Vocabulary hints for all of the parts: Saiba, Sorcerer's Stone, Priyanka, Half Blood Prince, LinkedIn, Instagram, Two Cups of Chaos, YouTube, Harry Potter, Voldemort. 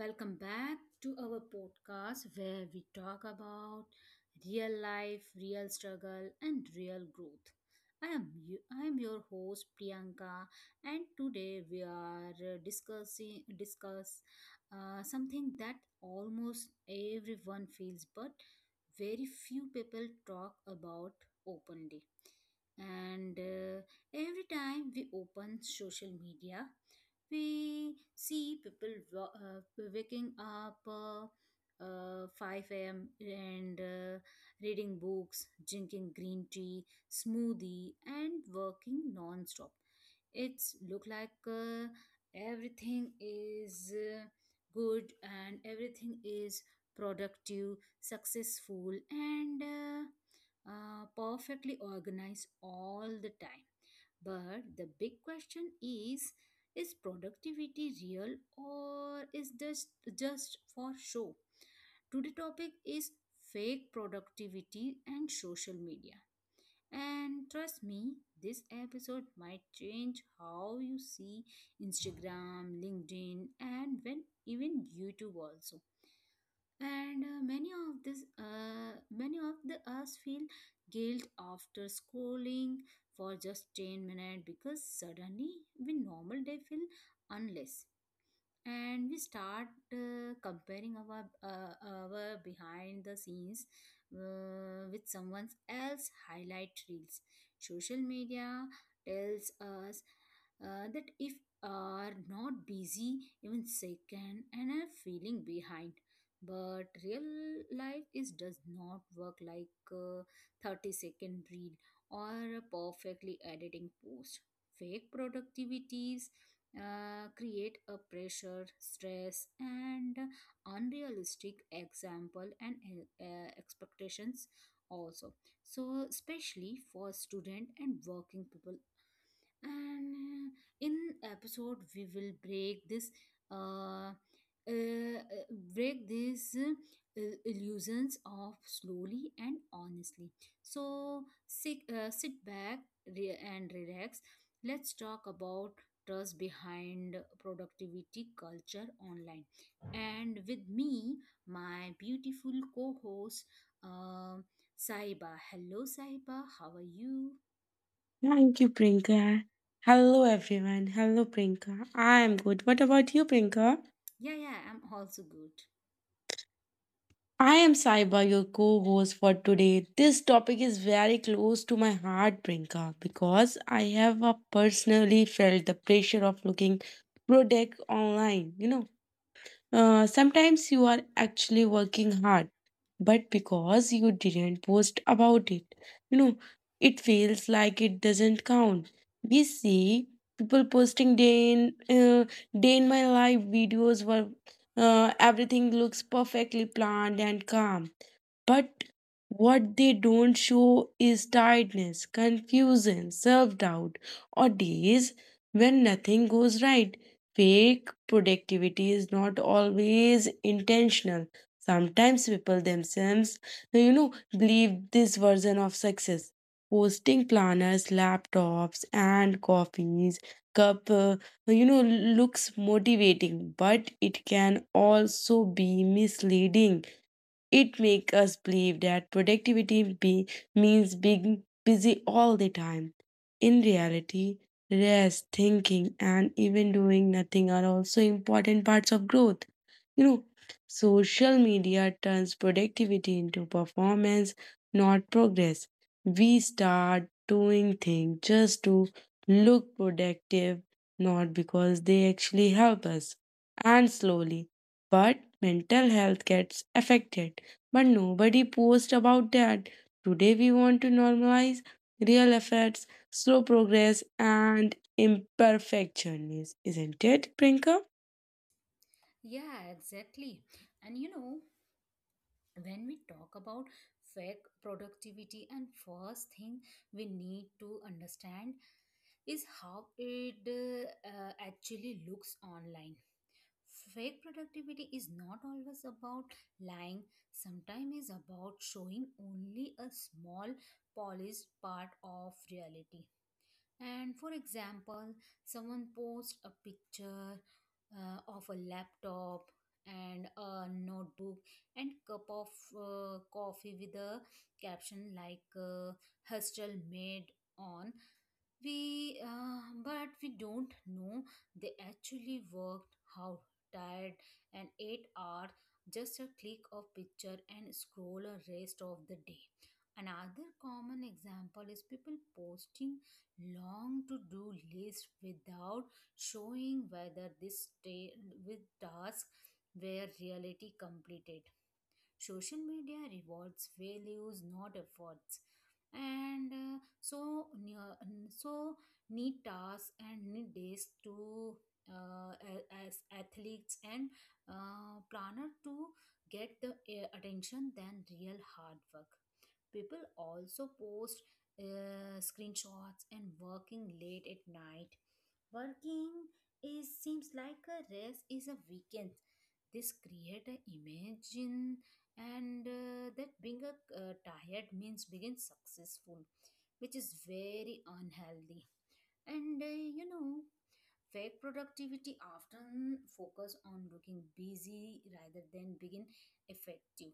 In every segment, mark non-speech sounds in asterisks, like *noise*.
Welcome back to our podcast where we talk about real life, real struggle, and real growth. I am your host Priyanka, and today we are discussing discuss something that almost everyone feels, but very few people talk about openly. And every time we open social media, we see people waking up 5 a.m. and reading books, drinking green tea, smoothie, and working non-stop. It's look like everything is good and everything is productive, successful, and perfectly organized all the time, but the big question is productivity real or is this just for show? Today topic is fake productivity and social media. And trust me, this episode might change how you see Instagram, LinkedIn, and when even YouTube also. And many of this, many of the us feel guilt after scrolling for just 10 minutes because suddenly we normal day feel unless and we start comparing our behind the scenes with someone else highlight reels. Social media tells us that if are not busy even second and are feeling behind, but real life is does not work like a 30-second reel or a perfectly editing post. Fake productivities create a pressure, stress, and unrealistic example and uh, expectations also. So especially for student and working people, and in episode we will break this uh, uh uh, break these illusions off slowly and honestly. So sit back and relax, let's talk about trust behind productivity culture online. And with me, my beautiful co host, uh, Saiba. Hello, Saiba. How are you? Thank you, Prinka. Hello, everyone. Hello, Prinka. I am good. What about you, Prinka? Yeah, yeah, I'm also good. I am Saiba, your co host for today. This topic is very close to my heart, Prinka, because I have personally felt the pressure of looking product online. You know, sometimes you are actually working hard, but because you didn't post about it, you know, it feels like it doesn't count. We see people posting day in my life videos where everything looks perfectly planned and calm, but what they don't show is tiredness, confusion, self doubt, or days when nothing goes right. Fake productivity is not always intentional. Sometimes people themselves, believe this version of success. Posting planners, laptops, and coffees cup, looks motivating, but it can also be misleading. It makes us believe that productivity means being busy all the time. In reality, rest, thinking, and even doing nothing are also important parts of growth. You know, social media turns productivity into performance, not progress. We start doing things just to look productive, not because they actually help us. And slowly, but mental health gets affected. But nobody posts about that. Today, we want to normalize real efforts, slow progress, and imperfectionism, isn't it, Prinka? Yeah, exactly. And you know, when we talk about fake productivity, and first thing we need to understand is how it actually looks online. Fake productivity is not always about lying, sometimes it's about showing only a small polished part of reality. And for example, someone posts a picture of a laptop and a notebook and cup of coffee with a caption like hustle made on we but we don't know they actually worked how tired and 8 hours just a click of picture and scroll a rest of the day. Another common example is people posting long to do list without showing whether with task were reality completed. Social media rewards values not efforts, and so so need tasks and need days to as athletes and planner to get the attention than real hard work. People also post screenshots and working late at night, working is seems like a rest is a weekend. This create a image and that being a tired means being successful, which is very unhealthy. And you know, fake productivity often focus on looking busy rather than being effective.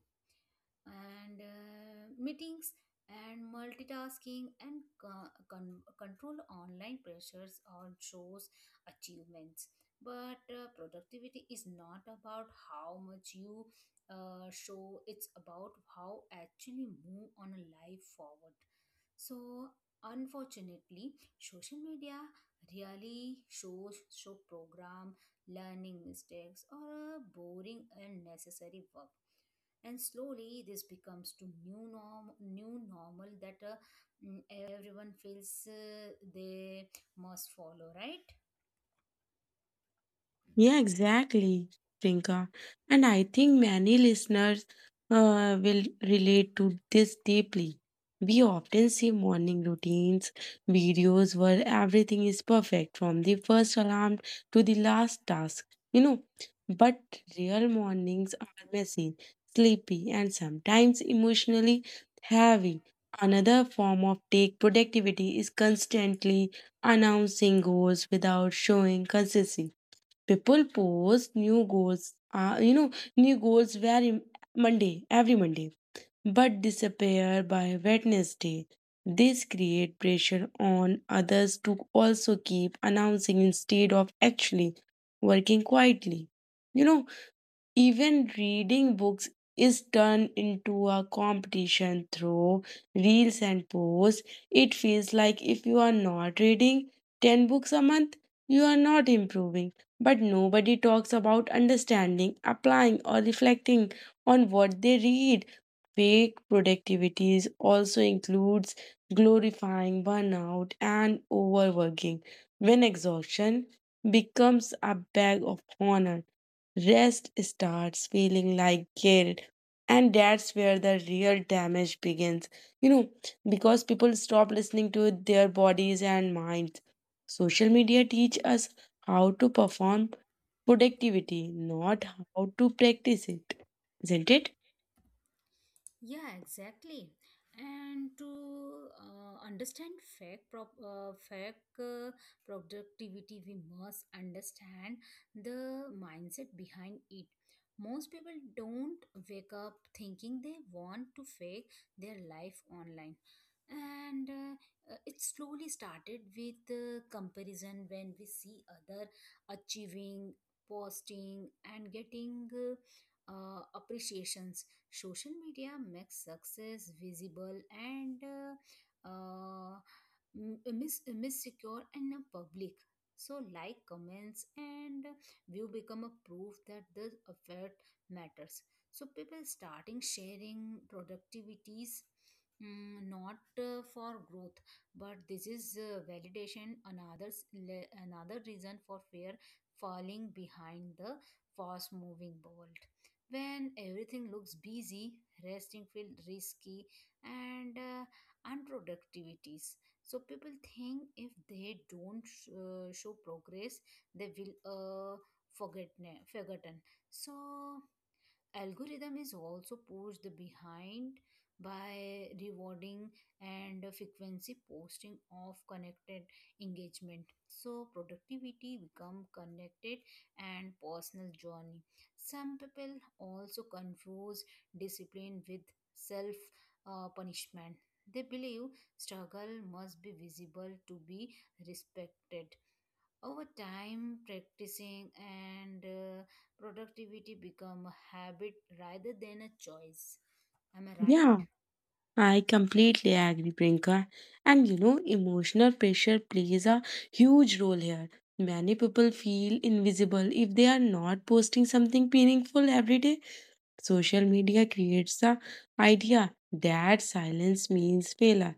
And meetings and multitasking and control online pressures or shows achievements, but productivity is not about how much you show, it's about how actually move on a life forward. So unfortunately social media really shows show program learning mistakes or boring and necessary work, and slowly this becomes to new normal that everyone feels they must follow, right? Yeah, exactly, Priyanka. And I think many listeners will relate to this deeply. We often see morning routines, videos where everything is perfect from the first alarm to the last task, you know. But real mornings are messy, sleepy, and sometimes emotionally heavy. Another form of take productivity is constantly announcing goals without showing consistency. People post new goals, very Monday, every Monday, but disappear by Wednesday. This create pressure on others to also keep announcing instead of actually working quietly. You know, even reading books is turned into a competition through reels and posts. It feels like if you are not reading 10 books a month, you are not improving. But nobody talks about understanding, applying, or reflecting on what they read. Fake productivities also includes glorifying burnout and overworking. When exhaustion becomes a bag of honor, rest starts feeling like guilt, and that's where the real damage begins. You know, because people stop listening to their bodies and minds. Social media teach us how to perform productivity, not how to practice it. Isn't it? Yeah, exactly. And to understand fake productivity, we must understand the mindset behind it. Most people don't wake up thinking they want to fake their life online. And it slowly started with comparison. When we see other achieving, posting, and getting appreciations. Social media makes success visible and insecure and public. So, like, comments, and view become a proof that the effort matters. So, people starting sharing productivities, not for growth, but this is validation. Another reason for fear falling behind the fast moving world. When everything looks busy, resting feels risky and unproductivities. So people think if they don't show progress, they will forget forgotten. So algorithm is also pushed behind by rewarding and frequency posting of connected engagement. So productivity become connected and personal journey. Some people also confuse discipline with self punishment. They believe struggle must be visible to be respected. Over time practicing and productivity become a habit rather than a choice. Am I Yeah, right? I completely agree, Priyanka. And emotional pressure plays a huge role here. Many people feel invisible if they are not posting something meaningful every day. Social media creates the idea that silence means failure.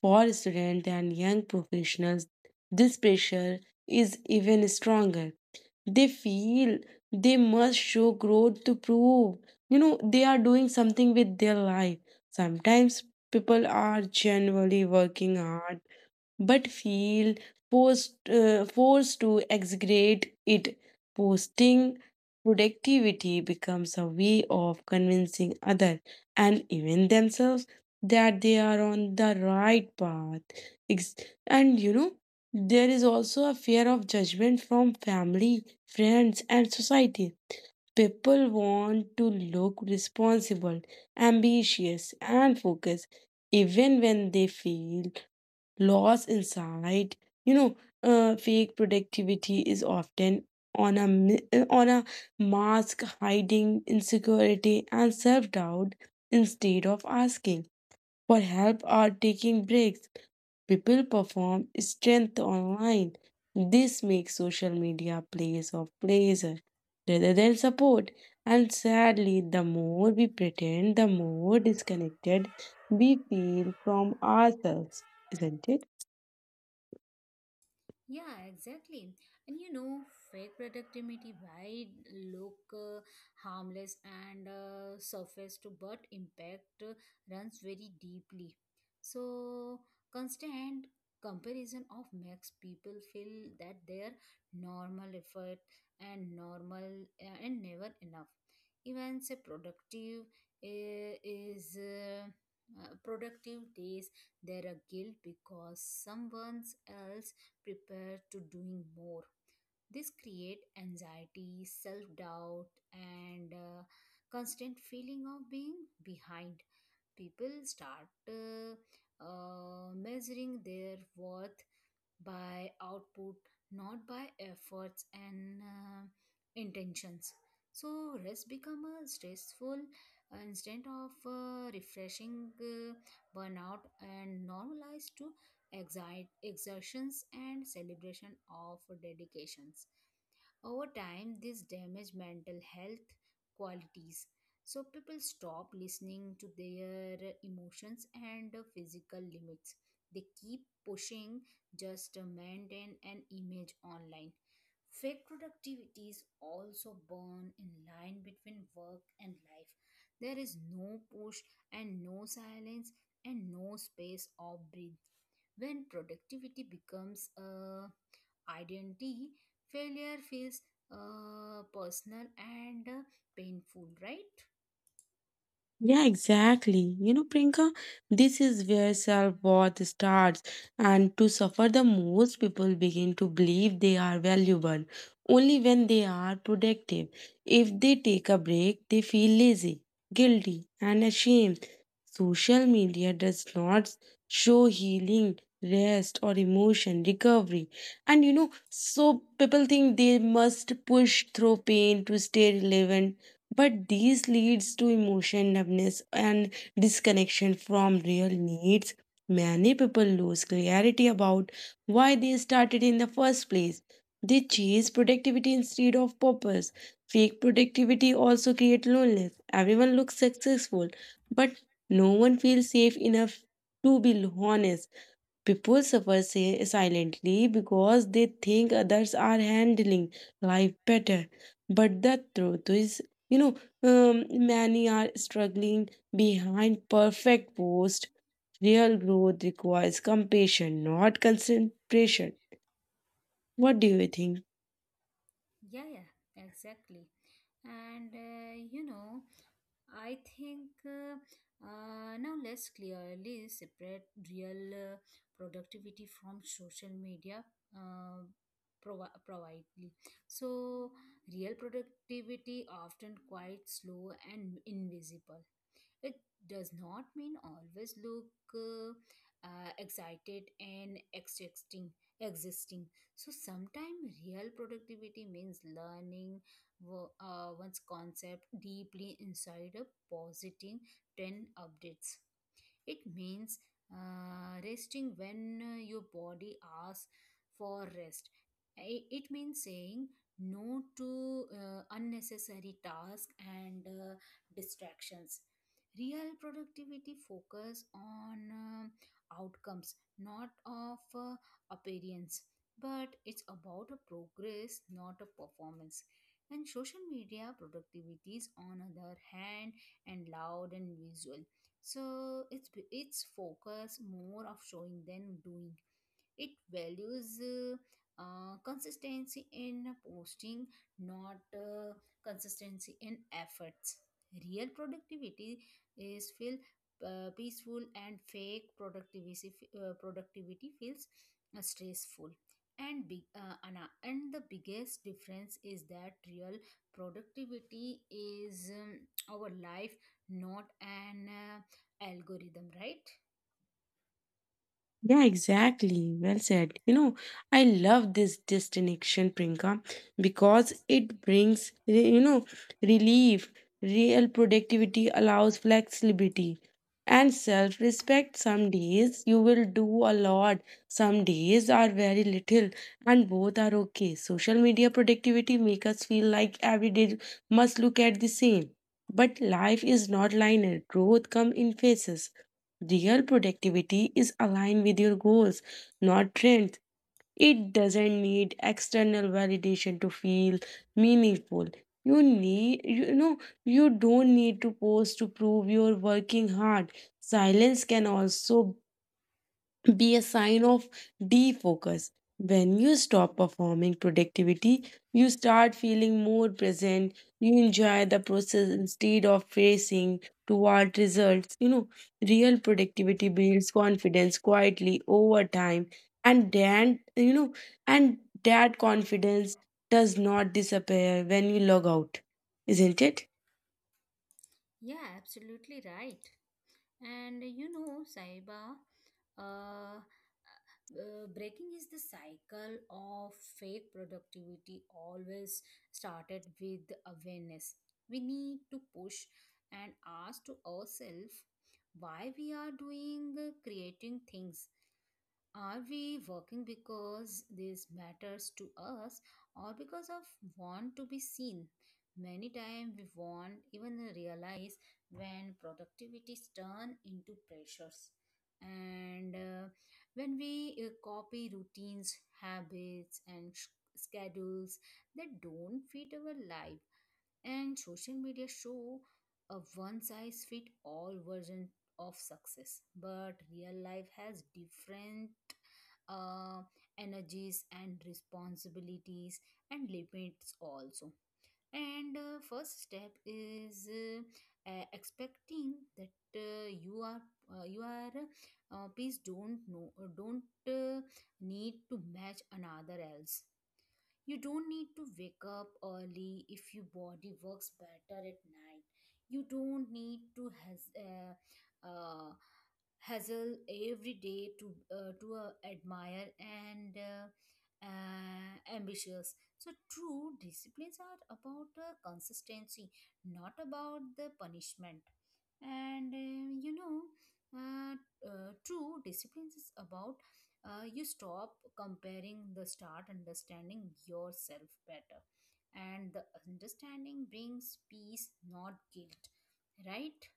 For students and young professionals, this pressure is even stronger. They feel they must show growth to prove, they are doing something with their life. Sometimes people are genuinely working hard but feel forced to exaggerate it. Posting productivity becomes a way of convincing others and even themselves that they are on the right path. Ex- And there is also a fear of judgment from family, friends, and society. People want to look responsible, ambitious, and focused, even when they feel loss inside. You know uh, fake productivity is often on a mask hiding insecurity and self-doubt. Instead of asking for help or taking breaks, people perform strength online. This makes social media a place of pleasure rather than support, and sadly, the more we pretend, the more disconnected we feel from ourselves, isn't it? Yeah, exactly. And you know, fake productivity might look harmless and surface to, but impact runs very deeply. So constant comparison of makes people feel that their normal effort and normal and never enough. Even say productive is. Productive days there are guilt because someone else prepare to doing more. This create anxiety, self-doubt and constant feeling of being behind. People start measuring their worth by output, not by efforts and intentions. So rest become a stressful instead of refreshing. Uh, burnout and normalized to exertions and celebration of dedications. Over time, this damage mental health qualities. So people stop listening to their emotions and the physical limits. They keep pushing just to maintain an image online. Fake productivities also burn in line between work and life. There is no push and no silence and no space or breathe. When productivity becomes a identity, failure feels personal and painful, right? Yeah, exactly. Prinka, this is where self worth starts, and to suffer the most, people begin to believe they are valuable only when they are productive. If they take a break, they feel lazy, guilty, and ashamed. Social media does not show healing, rest, or emotion recovery. And so people think they must push through pain to stay relevant, but these leads to emotion numbness and disconnection from real needs. Many people lose clarity about why they started in the first place. They chase productivity instead of purpose. Fake productivity also creates loneliness. Everyone looks successful, but no one feels safe enough to be honest. People suffer silently because they think others are handling life better. But the truth is, you know, um, many are struggling behind perfect post. Real growth requires compassion, not concentration. What do you think? Yeah, yeah, exactly. And you know, I think now let's clearly separate real productivity from social media uh, providely. So, real productivity often quite slow and invisible. It does not mean always look uh, excited and existing. Existing. So sometimes real productivity means learning one's concept deeply inside a positive trend updates. It means resting when your body asks for rest. It means saying no to unnecessary tasks and distractions. Real productivity focus on outcomes, not of appearance, but it's about a progress, not a performance. And social media productivities, on other hand, and loud and visual. So it's focus more of showing than doing. It values consistency in posting, not consistency in efforts. Real productivity is feel peaceful and fake productivity feels stressful. And the biggest difference is that real productivity is our life, not an algorithm, right? Yeah, exactly. Well said. I love this destination, Prinka, because it brings relief. Real productivity allows flexibility and self respect. Some days you will do a lot, some days are very little, and both are okay. Social media productivity make us feel like every day must look at the same. But life is not linear, growth come in phases. Real productivity is aligned with your goals, not trends. It doesn't need external validation to feel meaningful. You need, you know, you don't need to post to prove you're working hard. Silence can also be a sign of defocus. When you stop performing productivity, you start feeling more present. You enjoy the process instead of racing toward results. Real productivity builds confidence quietly over time, and then you know, and that confidence does not disappear when you log out, isn't it? Yeah, absolutely right. And you know, Saiba, breaking is the cycle of fake productivity always started with awareness. We need to push and ask to ourselves why we are doing creating things. Are we working because this matters to us or because of want to be seen? Many times we want even realize when productivities turn into pressures. And when we copy routines, habits, and schedules that don't fit our life, and social media show a one size fit all version of success, but real life has different uh, energies and responsibilities and limits also. And first step is expecting that you are uh, you are please don't know don't uh, need to match another else. You don't need to wake up early if your body works better at night. You don't need to uh, hustle every day to admire and ambitious. So true disciplines are about consistency, not about the punishment. And you know uh, true discipline is about you stop comparing the start understanding yourself better. And the understanding brings peace not guilt, right?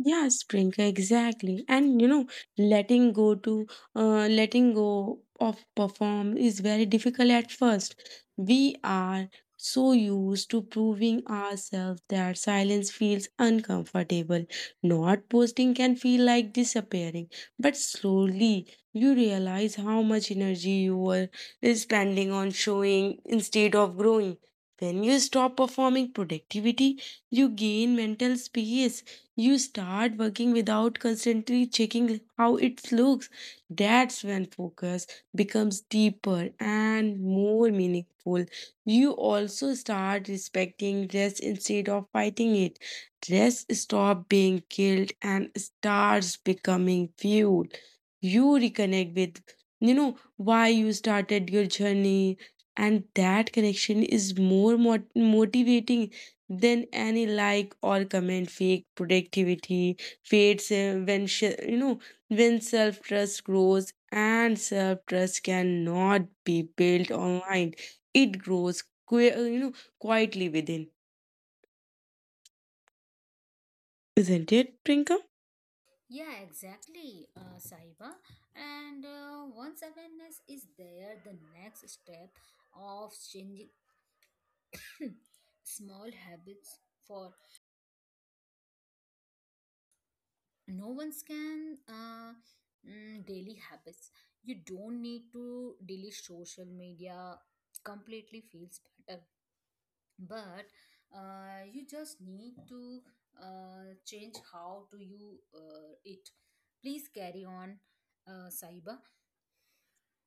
Yeah, Priyanka, exactly. And letting go to letting go of perform is very difficult at first. We are so used to proving ourselves that silence feels uncomfortable. Not posting can feel like disappearing, but slowly you realize how much energy you were spending on showing instead of growing. When you stop performing productivity, you gain mental space. You start working without constantly checking how it looks. That's when focus becomes deeper and more meaningful. You also start respecting rest instead of fighting it. Rest stop being guilt and starts becoming fuel. You reconnect with why you started your journey, and that connection is more motivating then any like or comment. Fake productivity fades when sh- you know when self trust grows, and self trust cannot be built online. It grows quietly within, isn't it, Prinka? Yeah, exactly. Saiba, and once awareness is there, the next step of changing *clears throat* small habits for no one can daily habits. You don't need to delete social media completely feels better, but you just need to change how do you it. Please carry on, Saiba.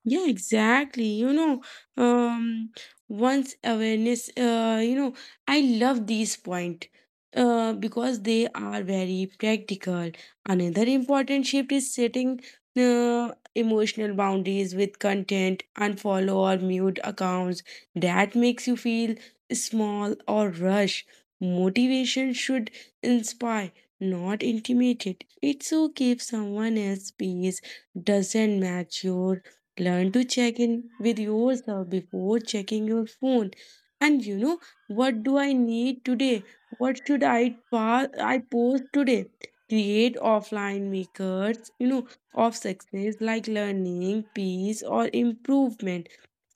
Yeah, exactly. Um, Once awareness, I love these point, because they are very practical. Another important shift is setting emotional boundaries with content. Unfollow or mute accounts that makes you feel small or rush. Motivation should inspire, not intimidate. It's okay if someone else's pace doesn't match yours. Learn to check in with yourself before checking your phone. And what do I need today? What should I post today? Create offline makers, of success like learning, peace, or improvement.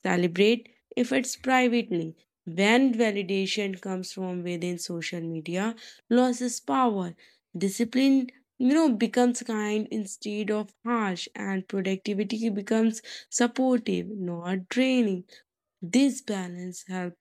Celebrate if it's privately. When validation comes from within social media, loses power. Discipline, becomes kind instead of harsh, and productivity becomes supportive, not draining. This balance helps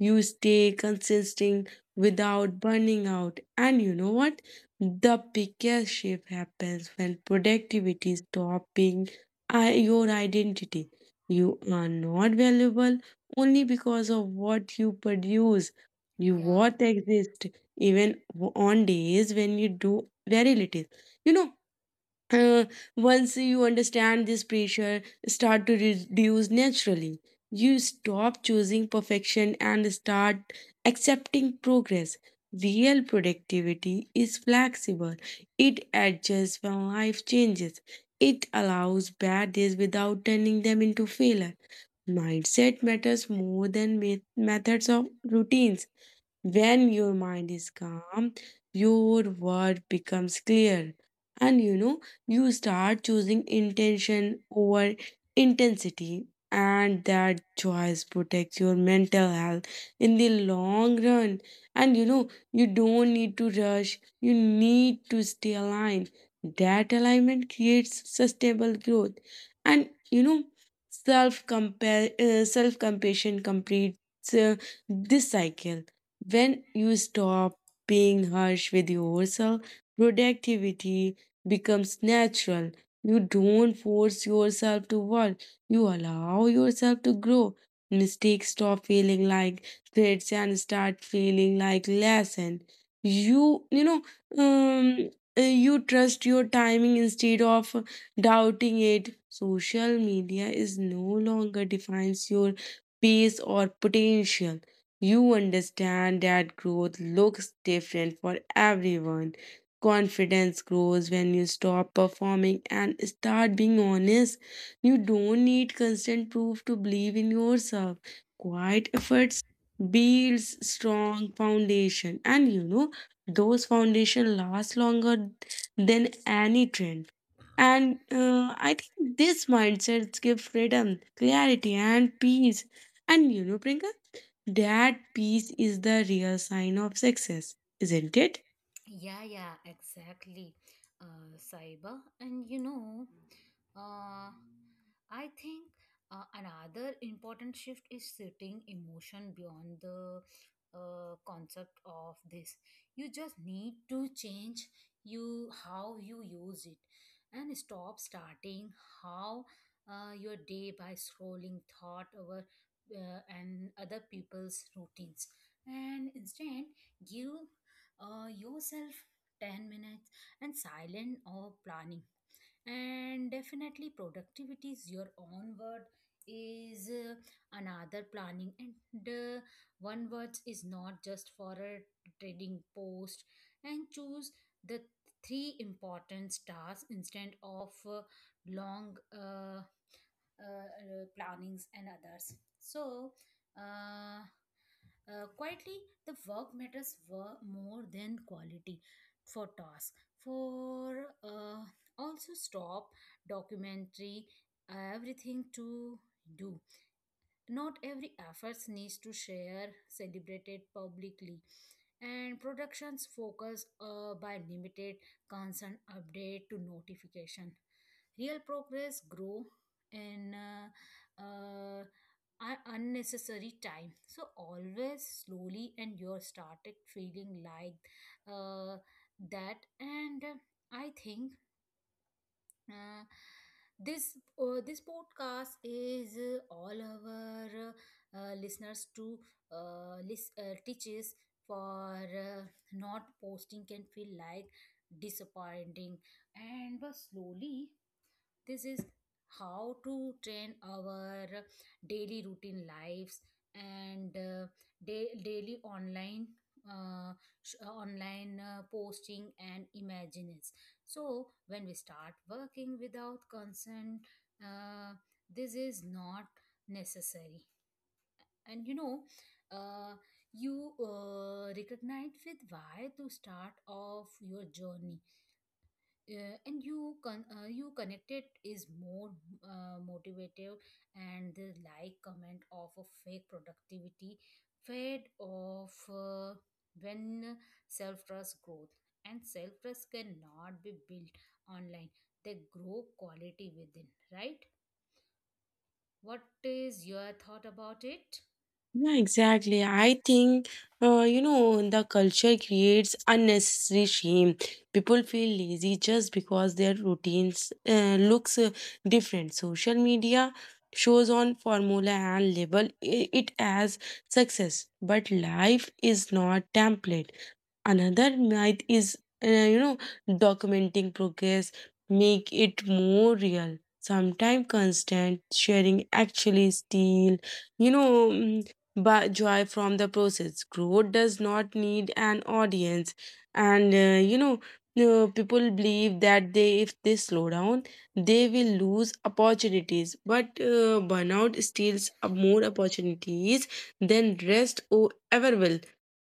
you stay consistent without burning out. And you know what? The biggest shift happens when productivity stops being your identity. You are not valuable only because of what you produce. You Yeah, what exist even on days when you do very little. You know, uh, once you understand, this pressure start to reduce naturally. You stop choosing perfection and start accepting progress. Real productivity is flexible. It adjusts when life changes. It allows bad days without turning them into failure. Mindset matters more than methods of routines. When your mind is calm, your word becomes clear. And you start choosing intention over intensity, and that choice protects your mental health in the long run. And you don't need to rush, you need to stay aligned. That alignment creates sustainable growth. And self compassion completes this cycle. When you stop being harsh with yourself, productivity becomes natural. You don't force yourself to work, you allow yourself to grow. Mistakes stop feeling like threats and start feeling like lesson. You, you know, um, you trust your timing instead of doubting it. Social media is no longer defines your pace or potential. You understand that growth looks different for everyone. Confidence grows when you stop performing and start being honest. You don't need constant proof to believe in yourself. Quiet efforts builds strong foundation, and those foundation last longer than any trend. And I think this mindset gives freedom, clarity, and peace, and Prinka, that peace is the real sign of success, isn't it? yeah, yeah, exactly, Saiba. And you know, uh, I think another important shift is setting emotion beyond the concept of this. You just need to change you how you use it, and stop starting how your day by scrolling thought over and other people's routines, and instead give yourself 10 minutes and silent or planning and definitely productivity is your own word is another planning and one word is not just for a trading post and choose the three important tasks instead of long plannings and others so uh, quietly the work matters more than quality for task for also stop documentary everything to do not every efforts needs to share celebrated publicly and productions focus by limited constant update to notification real progress grow in uh, unnecessary time so always slowly and you're started feeling like uh, that and I think uh, this this podcast is all our listeners to teaches for not posting can feel like disappointing and but slowly this is how to train our daily routine lives and daily online uh, online posting and imagines so when we start working without consent uh, this is not necessary and you know, uh, you recognize with why to start off your journey and you you connected is more motivative and the like comment of a fake productivity fade off when self trust growth and self trust cannot be built online they grow quality within right what is your thought about it? Yeah, exactly. I think, the culture creates unnecessary shame. People feel lazy just because their routines looks different. Social media shows on formula and label it as success, but life is not template. Another myth is, uh, you know, documenting progress, make it more real. Sometimes constant sharing actually steal, you know, mm, but joy from the process. Growth does not need an audience, and people believe that if they slow down, they will lose opportunities. But burnout steals more opportunities than rest or ever will.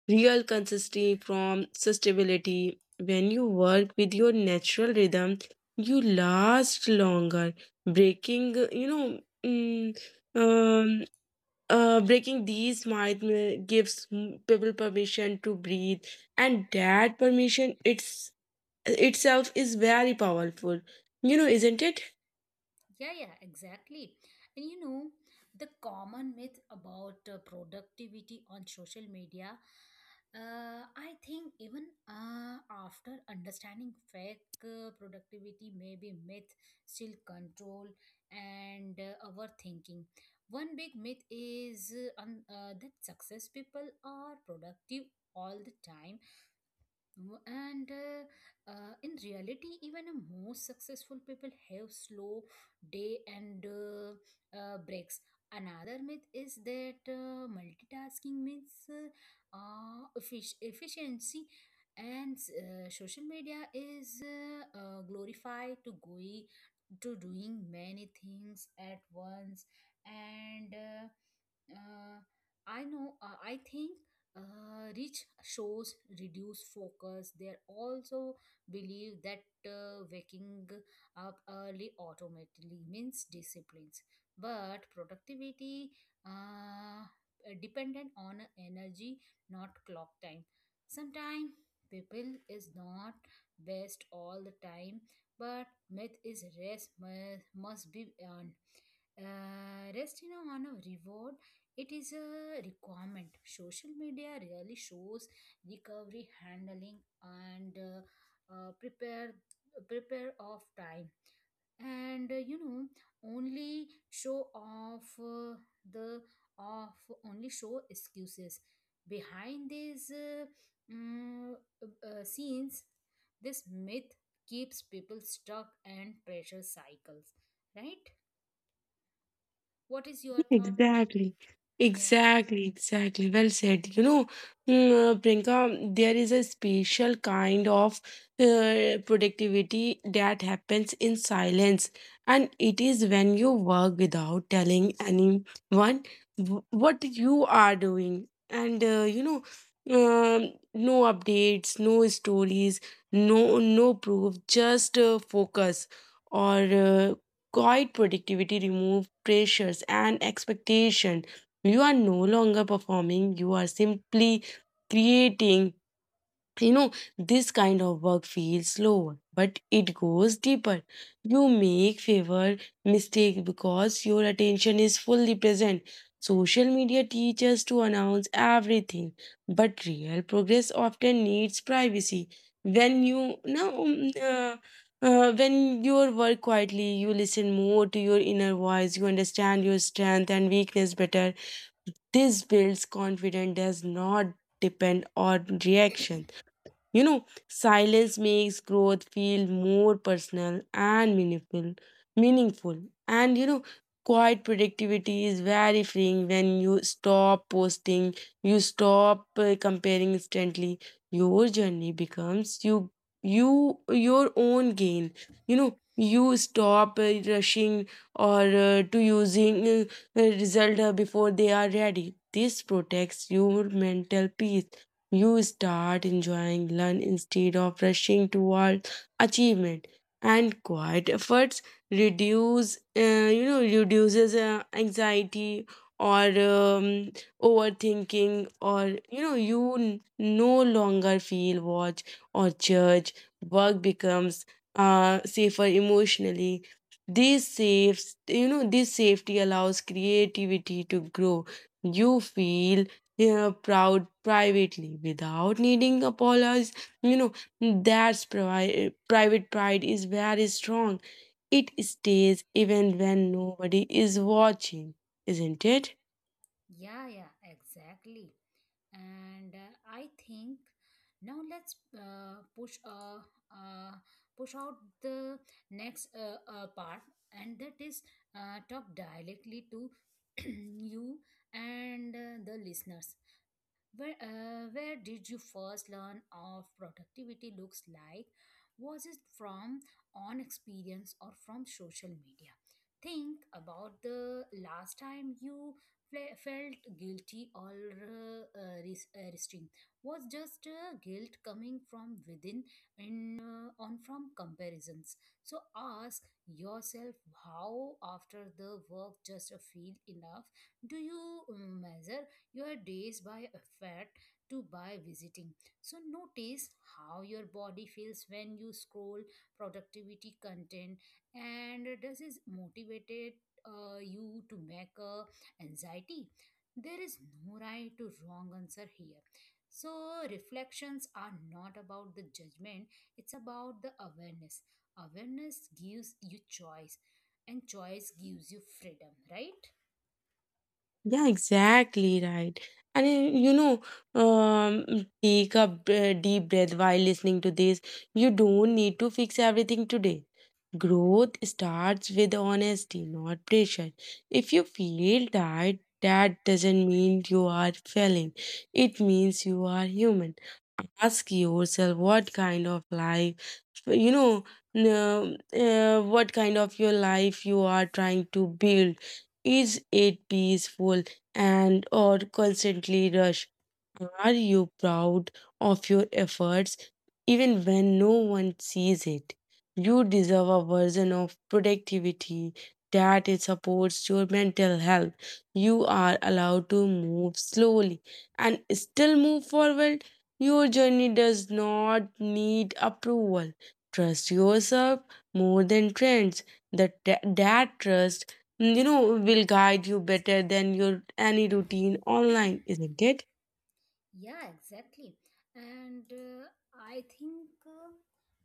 Real consistency from sustainability. When you work with your natural rhythm, you last longer. Breaking, you know, mm, um, breaking these might gives people permission to breathe, and that permission it's itself is very powerful. Isn't it? Yeah, yeah, exactly. And you know, the common myth about productivity on social media, I think even after understanding fake productivity may be myth, still control and overthinking. One big myth is that success people are productive all the time. W- And In reality, even a most successful people have slow day and breaks. Another myth is that multitasking means effic- efficiency, and social media is glorified to going to doing many things at once, and. Uh, I know. I think rich shows reduce focus. They also believe that waking up early automatically means disciplines, but productivity uh, dependent on energy, not clock time. Sometimes people is not best all the time, but myth is rest must be earned. Rest, you know, on a reward it is a requirement. Social media really shows recovery handling and prepare of time. And you know, only show off the off only show excuses. Behind these mm, scenes, this myth keeps people stuck and pressure cycles. Right? What is your thought? Exactly, Yeah. exactly, exactly. Well said. Priyanka, there is a special kind of productivity that happens in silence, and it is when you work without telling anyone what you are doing, and no updates, no stories, no proof, just focus or Quiet productivity removes pressures and expectation. You are no longer performing, you are simply creating. You know, this kind of work feels slower, but it goes deeper. You make favor mistake because your attention is fully present. Social media teaches to announce everything, but real progress often needs privacy. When you now, um, uh, when you work quietly, you listen more to your inner voice. You understand your strength and weakness better. This builds confidence, does not depend on reaction. Silence makes growth feel more personal and meaningful. And quiet productivity is very freeing. When you stop posting, you stop comparing instantly. Your journey becomes your own gain. You stop rushing or to using result before they are ready. This protects your mental peace. You start enjoying learn instead of rushing toward achievement. And quiet efforts reduces anxiety or overthinking, or you no longer feel watch or judge. Work becomes safer emotionally. This saves you know this safety allows creativity to grow. You feel, yeah, proud privately without needing apologies. You know, that's private pride is very strong. It stays even when nobody is watching, isn't it? Yeah, yeah, exactly. And I think now let's push uh, push out the next part, and that is talk directly to *clears throat* you and the listeners. Where did you first learn of productivity looks like? Was it from on experience or from social media? Think about the last time you felt guilty or restrained. Was just guilt coming from within and on from comparisons. So ask yourself how after the work just feel enough do you measure your days by effort to by visiting. So notice how your body feels when you scroll productivity content and does it motivated you to make a anxiety? There is no right to wrong answer here. So reflections are not about the judgment, it's about the awareness. Awareness gives you choice and choice gives you freedom, right? Yeah, exactly right. And you know, um, take a deep breath while listening to this. You don't need to fix everything today. Growth starts with honesty, not pressure. If you feel tired, that doesn't mean you are failing. It means you are human. Ask yourself you know what kind of your life you are trying to build. Is it peaceful and or constantly rush? Are you proud of your efforts even when no one sees it? You deserve a version of productivity that it supports your mental health. You are allowed to move slowly and still move forward. Your journey does not need approval. Trust yourself more than trends. That trust, will guide you better than your any routine online, isn't it? Yeah, exactly. And I think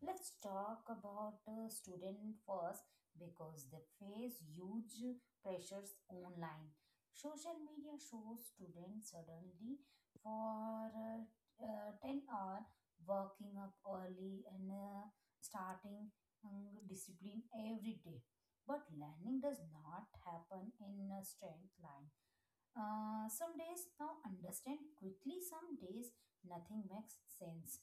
let's talk about student first because they face huge pressures online. Social media shows students suddenly for 10-hour working up early and starting discipline every day. But learning does not happen in a straight line some days now understand quickly, some days nothing makes sense.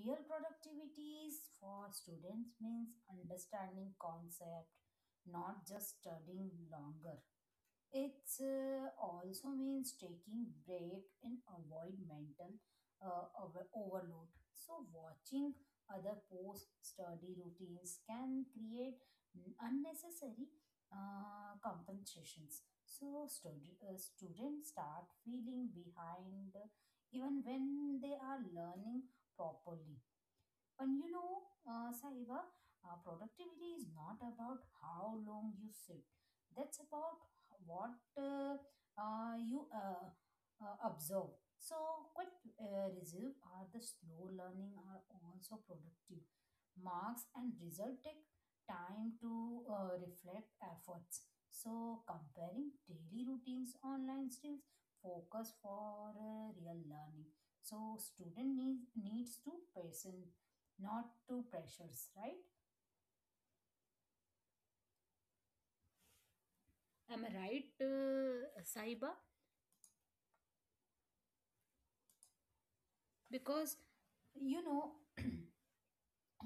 Real productivity is for students means understanding concept, not just studying longer. It also means taking break and avoid mental overload. So watching other post study routines can create unnecessary compensations. So students start feeling behind even when they are learning properly. And you know, Sahiba, productivity is not about how long you sit. That's about what you observe. So, quick review are the slow learning are also productive. Marks and result take time to reflect efforts. So, comparing daily routines online skills focus for real learning. So student needs to patient not to pressures, right? Am I right, Saiba? Because you know, *clears throat*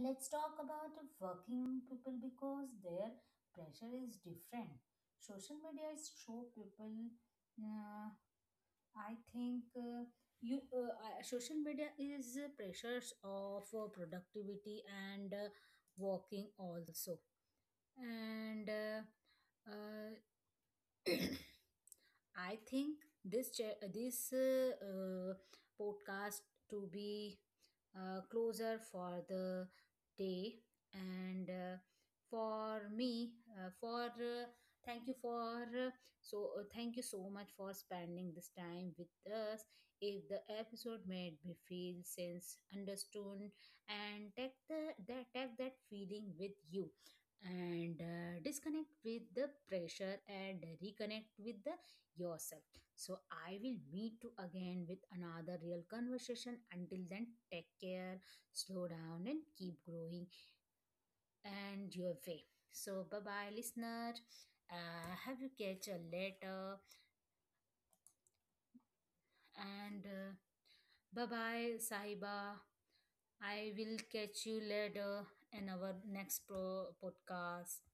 let's talk about working people because their pressure is different. Social media is show people. Uh, I think you social media is pressures of productivity and working also and uh, I think this podcast to be closer for the day and for me for thank you for so thank you so much for spending this time with us. If the episode made me feel sense understood and take the that take that feeling with you and disconnect with the pressure and reconnect with the yourself. So I will meet you again with another real conversation. Until then, take care, slow down, and keep growing and your way. So bye bye, listener. Have you catch a later and bye bye, Sahiba. I will catch you later in our next pro podcast.